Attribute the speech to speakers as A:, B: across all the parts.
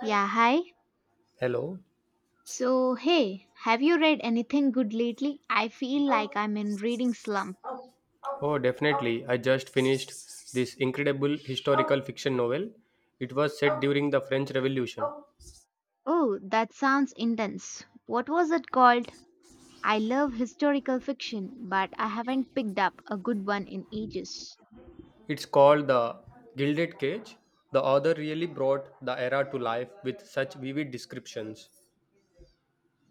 A: Yeah, hi.
B: Hello.
A: So, hey, have you read anything good lately? I feel like I'm in reading slump.
B: Oh, definitely. I just finished this incredible historical fiction novel. It was set during the French Revolution.
A: Oh, that sounds intense. What was it called? I love historical fiction, but I haven't picked up a good one in ages.
B: It's called The Gilded Cage. The author really brought the era to life with such vivid descriptions.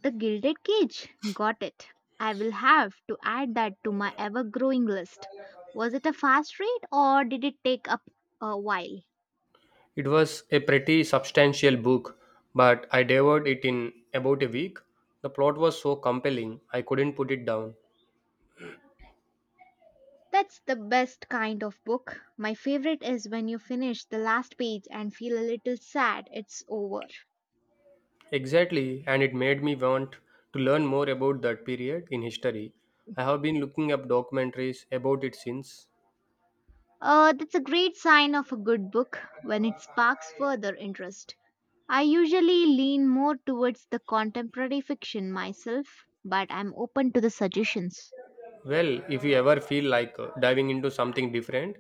A: The Gilded Cage. Got it. I will have to add that to my ever growing list. Was it a fast read or did it take up a while?
B: It was a pretty substantial book, but I devoured it in about a week. The plot was so compelling, I couldn't put it down.
A: That's the best kind of book. My favorite is when you finish the last page and feel a little sad it's over.
B: Exactly, and it made me want to learn more about that period in history. I have been looking up documentaries about it since.
A: That's a great sign of a good book when it sparks further interest. I usually lean more towards the contemporary fiction myself, but I'm open to the suggestions.
B: Well, if you ever feel like diving into something different,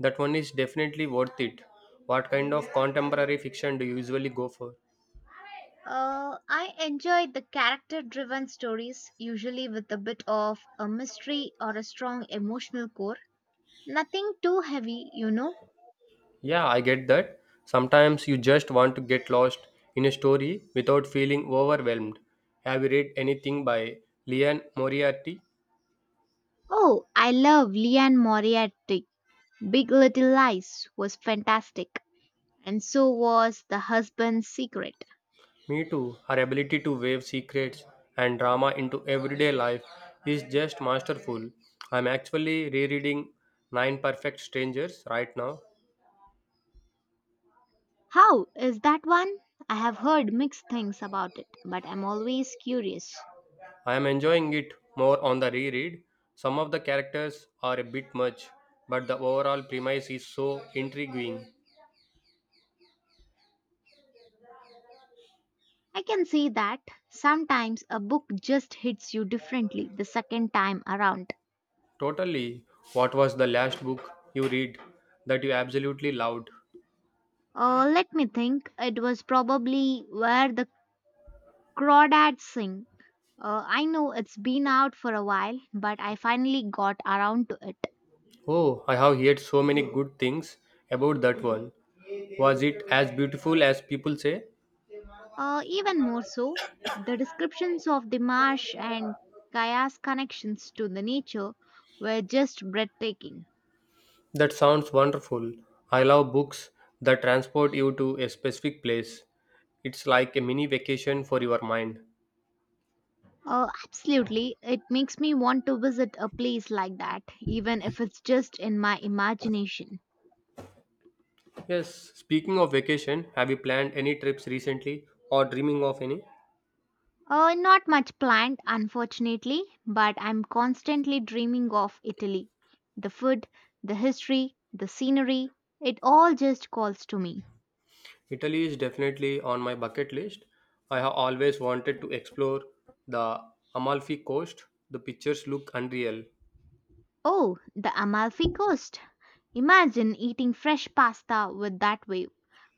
B: that one is definitely worth it. What kind of contemporary fiction do you usually go for?
A: I enjoy the character driven stories, usually with a bit of a mystery or a strong emotional core. Nothing too heavy.
B: Yeah, I get that. Sometimes you just want to get lost in a story without feeling overwhelmed. Have you read anything by Leon Moriarty?
A: Oh, I love Leanne Moriarty. Big Little Lies was fantastic, and so was The Husband's Secret.
B: Me too. Her ability to weave secrets and drama into everyday life is just masterful. I'm actually rereading Nine Perfect Strangers right now.
A: How is that one? I have heard mixed things about it, but I'm always curious.
B: I am enjoying it more on the reread. Some of the characters are a bit much, but the overall premise is so intriguing.
A: I can see that sometimes a book just hits you differently the second time around.
B: Totally. What was the last book you read that you absolutely loved?
A: Let me think. It was probably Where the Crawdads Sing. I know it's been out for a while, but I finally got around to it.
B: Oh, I have heard so many good things about that one. Was it as beautiful as people say?
A: Even more so, the descriptions of the marsh and Kaya's connections to the nature were just breathtaking.
B: That sounds wonderful. I love books that transport you to a specific place. It's like a mini vacation for your mind.
A: Absolutely, it makes me want to visit a place like that, even if it's just in my imagination.
B: Yes, speaking of vacation, have you planned any trips recently or dreaming of any?
A: Not much planned, unfortunately, but I'm constantly dreaming of Italy. The food, the history, the scenery, it all just calls to me.
B: Italy is definitely on my bucket list. I have always wanted to explore the Amalfi Coast. The pictures look unreal,
A: Oh, the Amalfi Coast. Imagine eating fresh pasta with that wave.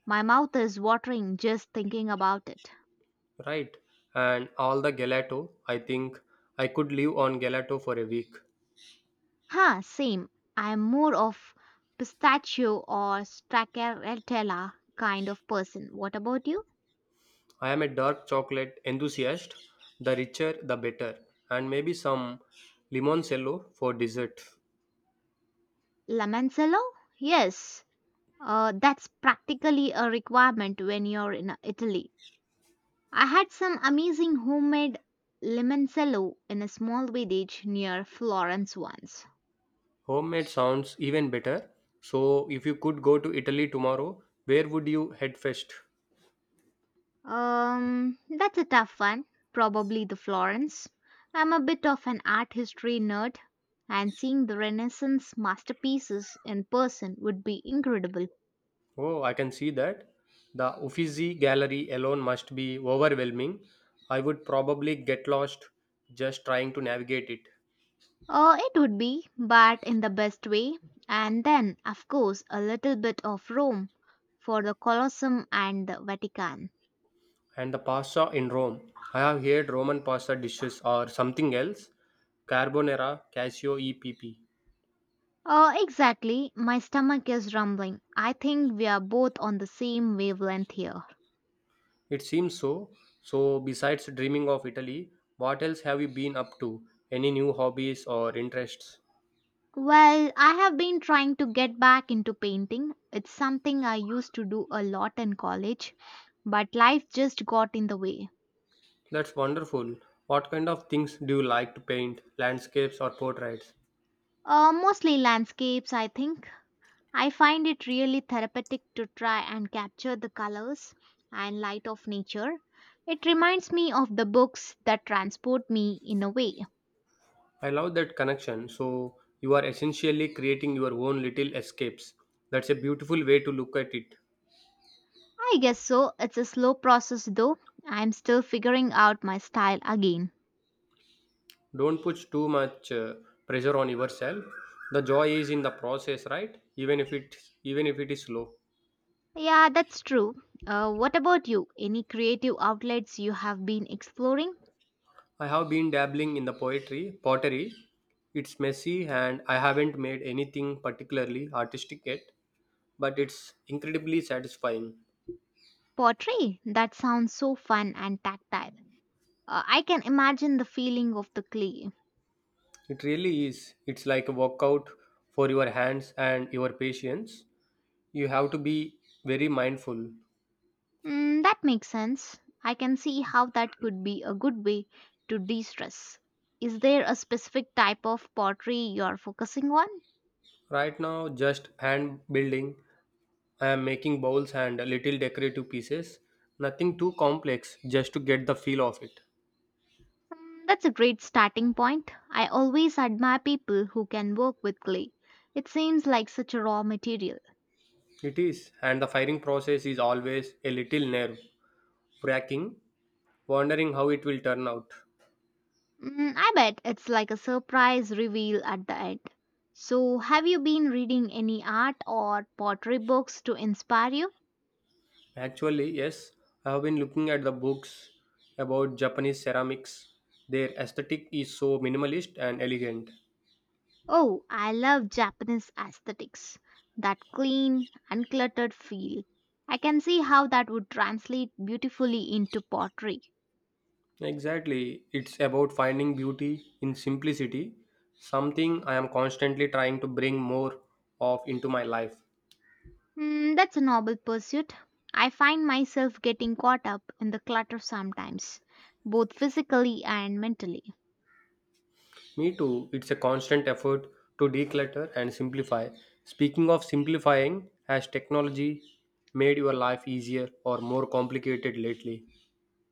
A: My mouth is watering just thinking about it.
B: right? And all the gelato. I think I could live on gelato for a week.
A: Huh, same. I'm more of pistachio or stracciatella kind of person. What about you?
B: I am a dark chocolate enthusiast, the richer the better, and maybe some limoncello for dessert.
A: Lamancello? Yes. That's practically a requirement when you're in Italy. I had some amazing homemade limoncello in a small village near Florence once.
B: Homemade sounds even better. So, if you could go to Italy tomorrow, where would you head first?
A: That's a tough one. Probably the Florence. I'm a bit of an art history nerd, and seeing the Renaissance masterpieces in person would be incredible.
B: Oh, I can see that. The Uffizi gallery alone must be overwhelming. I would probably get lost just trying to navigate it.
A: Oh, it would be, but in the best way. And then, of course, a little bit of Rome for the Colosseum and the Vatican.
B: And the pasta in Rome. I have heard Roman pasta dishes or something else. Carbonara, Casio EPP.
A: Oh, exactly. My stomach is rumbling. I think we are both on the same wavelength here.
B: It seems so. So, besides dreaming of Italy, what else have you been up to? Any new hobbies or interests?
A: Well, I have been trying to get back into painting. It's something I used to do a lot in college, but life just got in the way.
B: That's wonderful. What kind of things do you like to paint? Landscapes or portraits?
A: Mostly landscapes, I think. I find it really therapeutic to try and capture the colors and light of nature. It reminds me of the books that transport me in a way.
B: I love that connection. So, you are essentially creating your own little escapes. That's a beautiful way to look at it.
A: I guess so. It's a slow process though. I'm still figuring out my style again.
B: Don't put too much pressure on yourself. The joy is in the process, right? Even if it is slow.
A: Yeah, that's true. What about you? Any creative outlets you have been exploring?
B: I have been dabbling in the poetry, pottery. It's messy and I haven't made anything particularly artistic yet, but it's incredibly satisfying.
A: Pottery? That sounds so fun and tactile. I can imagine the feeling of the clay.
B: It really is. It's like a workout for your hands and your patience. You have to be very mindful.
A: Mm, that makes sense. I can see how that could be a good way to de stress. Is there a specific type of pottery you're focusing on?
B: Right now, just hand building. I am making bowls and little decorative pieces. Nothing too complex, just to get the feel of it.
A: Mm, that's a great starting point. I always admire people who can work with clay. It seems like such a raw material.
B: It is, and the firing process is always a little nerve fracking, wondering how it will turn out.
A: Mm, I bet it's like a surprise reveal at the end. So, have you been reading any art or pottery books to inspire you?
B: Actually, yes, I have been looking at the books about Japanese ceramics. Their aesthetic is so minimalist and elegant.
A: Oh, I love Japanese aesthetics. That clean, uncluttered feel. I can see how that would translate beautifully into pottery.
B: Exactly, it's about finding beauty in simplicity, something I am constantly trying to bring more of into my life.
A: Mm, that's a noble pursuit. I find myself getting caught up in the clutter sometimes, both physically and mentally.
B: Me too, it's a constant effort to declutter and simplify. Speaking of simplifying, has technology made your life easier or more complicated lately?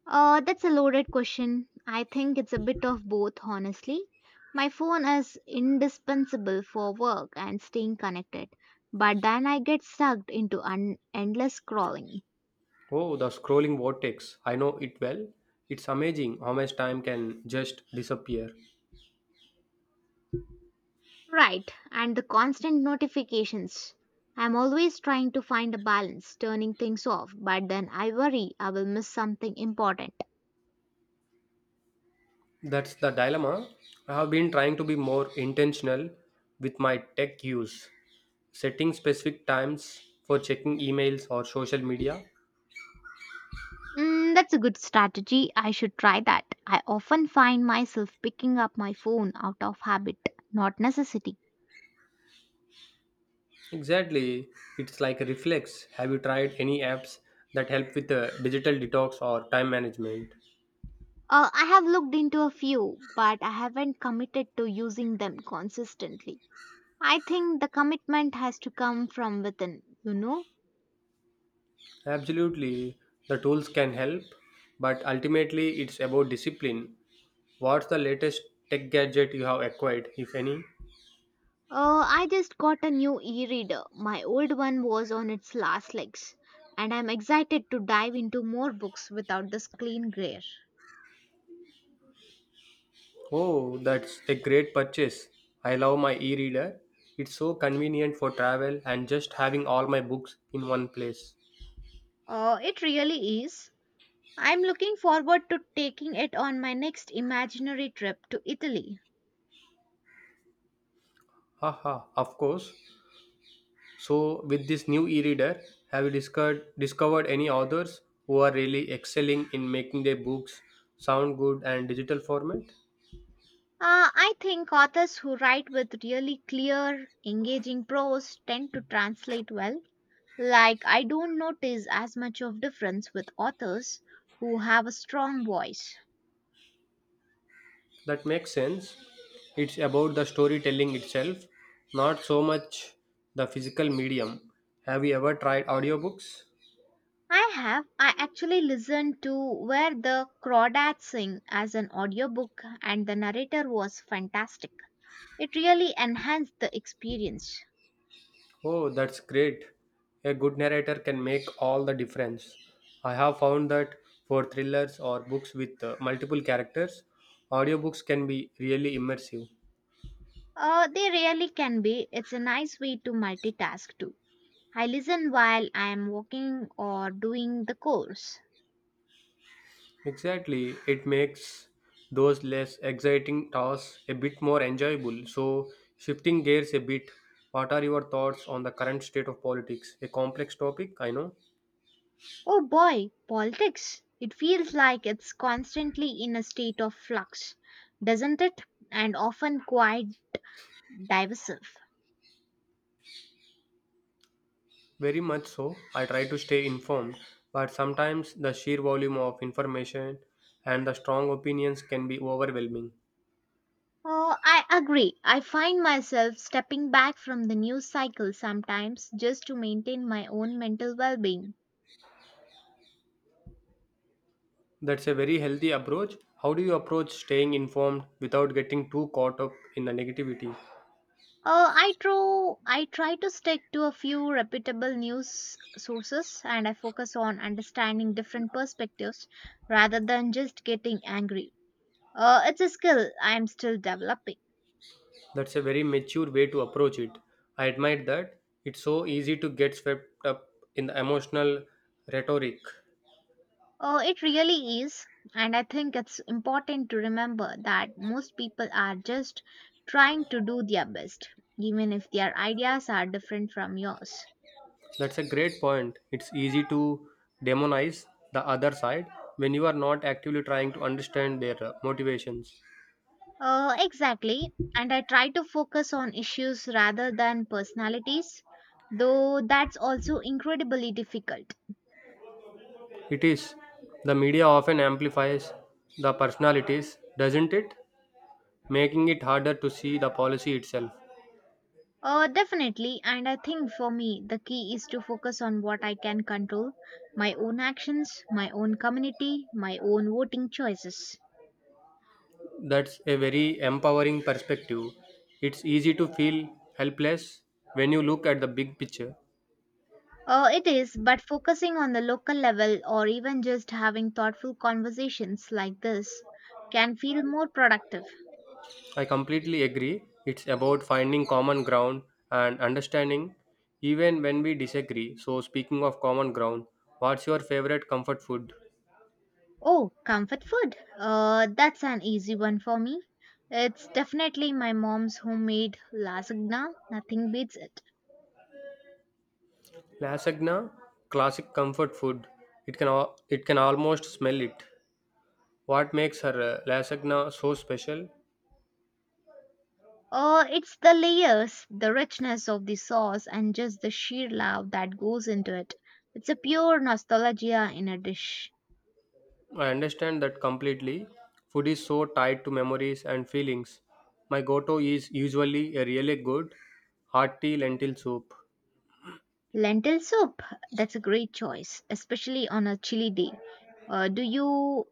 A: That's a loaded question. I think it's a bit of both, honestly. My phone is indispensable for work and staying connected, but then I get sucked into endless scrolling.
B: Oh, the scrolling vortex. I know it well. It's amazing how much time can just disappear.
A: Right, and the constant notifications. I'm always trying to find a balance, turning things off, but then I worry I will miss something important.
B: That's the dilemma. I have been trying to be more intentional with my tech use, setting specific times for checking emails or social media.
A: Mm, that's a good strategy. I should try that. I often find myself picking up my phone out of habit, not necessity.
B: Exactly. It's like a reflex. Have you tried any apps that help with the digital detox or time management?
A: I have looked into a few, but I haven't committed to using them consistently. I think the commitment has to come from within, you know?
B: Absolutely, the tools can help, but ultimately it's about discipline. What's the latest tech gadget you have acquired, if any?
A: I just got a new e reader. My old one was on its last legs, and I'm excited to dive into more books without the screen glare.
B: Oh, that's a great purchase. I love my e reader. It's so convenient for travel and just having all my books in one place.
A: It really is. I'm looking forward to taking it on my next imaginary trip to Italy.
B: Haha, of course. So, with this new e reader, have you discovered any authors who are really excelling in making their books sound good and digital format?
A: I think authors who write with really clear, engaging prose tend to translate well. Like, I don't notice as much of difference with authors who have a strong voice.
B: That makes sense. It's about the storytelling itself, not so much the physical medium. Have you ever tried audiobooks?
A: I have. I actually listened to Where the Crawdads Sing as an audiobook, and the narrator was fantastic. It really enhanced the experience.
B: Oh, that's great. A good narrator can make all the difference. I have found that for thrillers or books with multiple characters, audiobooks can be really immersive.
A: They really can be. It's a nice way to multitask too. I listen while I am walking or doing the course.
B: Exactly, it makes those less exciting tasks a bit more enjoyable. So, shifting gears a bit, what are your thoughts on the current state of politics? A complex topic, I know.
A: Oh boy, politics. It feels like it's constantly in a state of flux, doesn't it? And often quite divisive.
B: Very much so. I try to stay informed, but sometimes the sheer volume of information and the strong opinions can be overwhelming.
A: Oh, I agree. I find myself stepping back from the news cycle sometimes just to maintain my own mental well being.
B: That's a very healthy approach. How do you approach staying informed without getting too caught up in the negativity?
A: I try to stick to a few reputable news sources and I focus on understanding different perspectives rather than just getting angry. It's a skill I am still developing.
B: That's a very mature way to approach it. I admire that. It's so easy to get swept up in the emotional rhetoric.
A: It really is, and I think it's important to remember that most people are just trying to do their best, even if their ideas are different from yours.
B: That's a great point. It's easy to demonize the other side when you are not actively trying to understand their motivations.
A: Exactly. And I try to focus on issues rather than personalities, though that's also incredibly difficult.
B: It is. The media often amplifies the personalities, doesn't it? Making it harder to see the policy itself.
A: Definitely. And I think for me, the key is to focus on what I can control my own actions, my own community, my own voting choices.
B: That's a very empowering perspective. It's easy to feel helpless when you look at the big picture.
A: It is, but focusing on the local level or even just having thoughtful conversations like this can feel more productive.
B: I completely agree. It's about finding common ground and understanding even when we disagree. So, speaking of common ground, what's your favorite comfort food?
A: Oh, comfort food. That's an easy one for me. It's definitely my mom's homemade lasagna. Nothing beats it.
B: Lasagna, classic comfort food. It can almost smell it. What makes her lasagna so special?
A: It's the layers, the richness of the sauce, and just the sheer love that goes into it. It's a pure nostalgia in a dish.
B: I understand that completely. Food is so tied to memories and feelings. My goto is usually a really good hearty lentil soup.
A: Lentil soup. That's a great choice, especially on a chilly day. Do you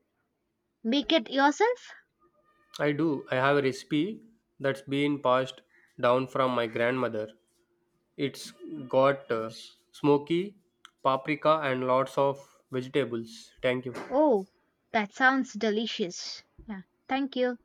A: make it yourself?
B: I do. I have a recipe that's been passed down from my grandmother. It's got smoky paprika and lots of vegetables. Thank you.
A: Oh, that sounds delicious. Yeah, thank you.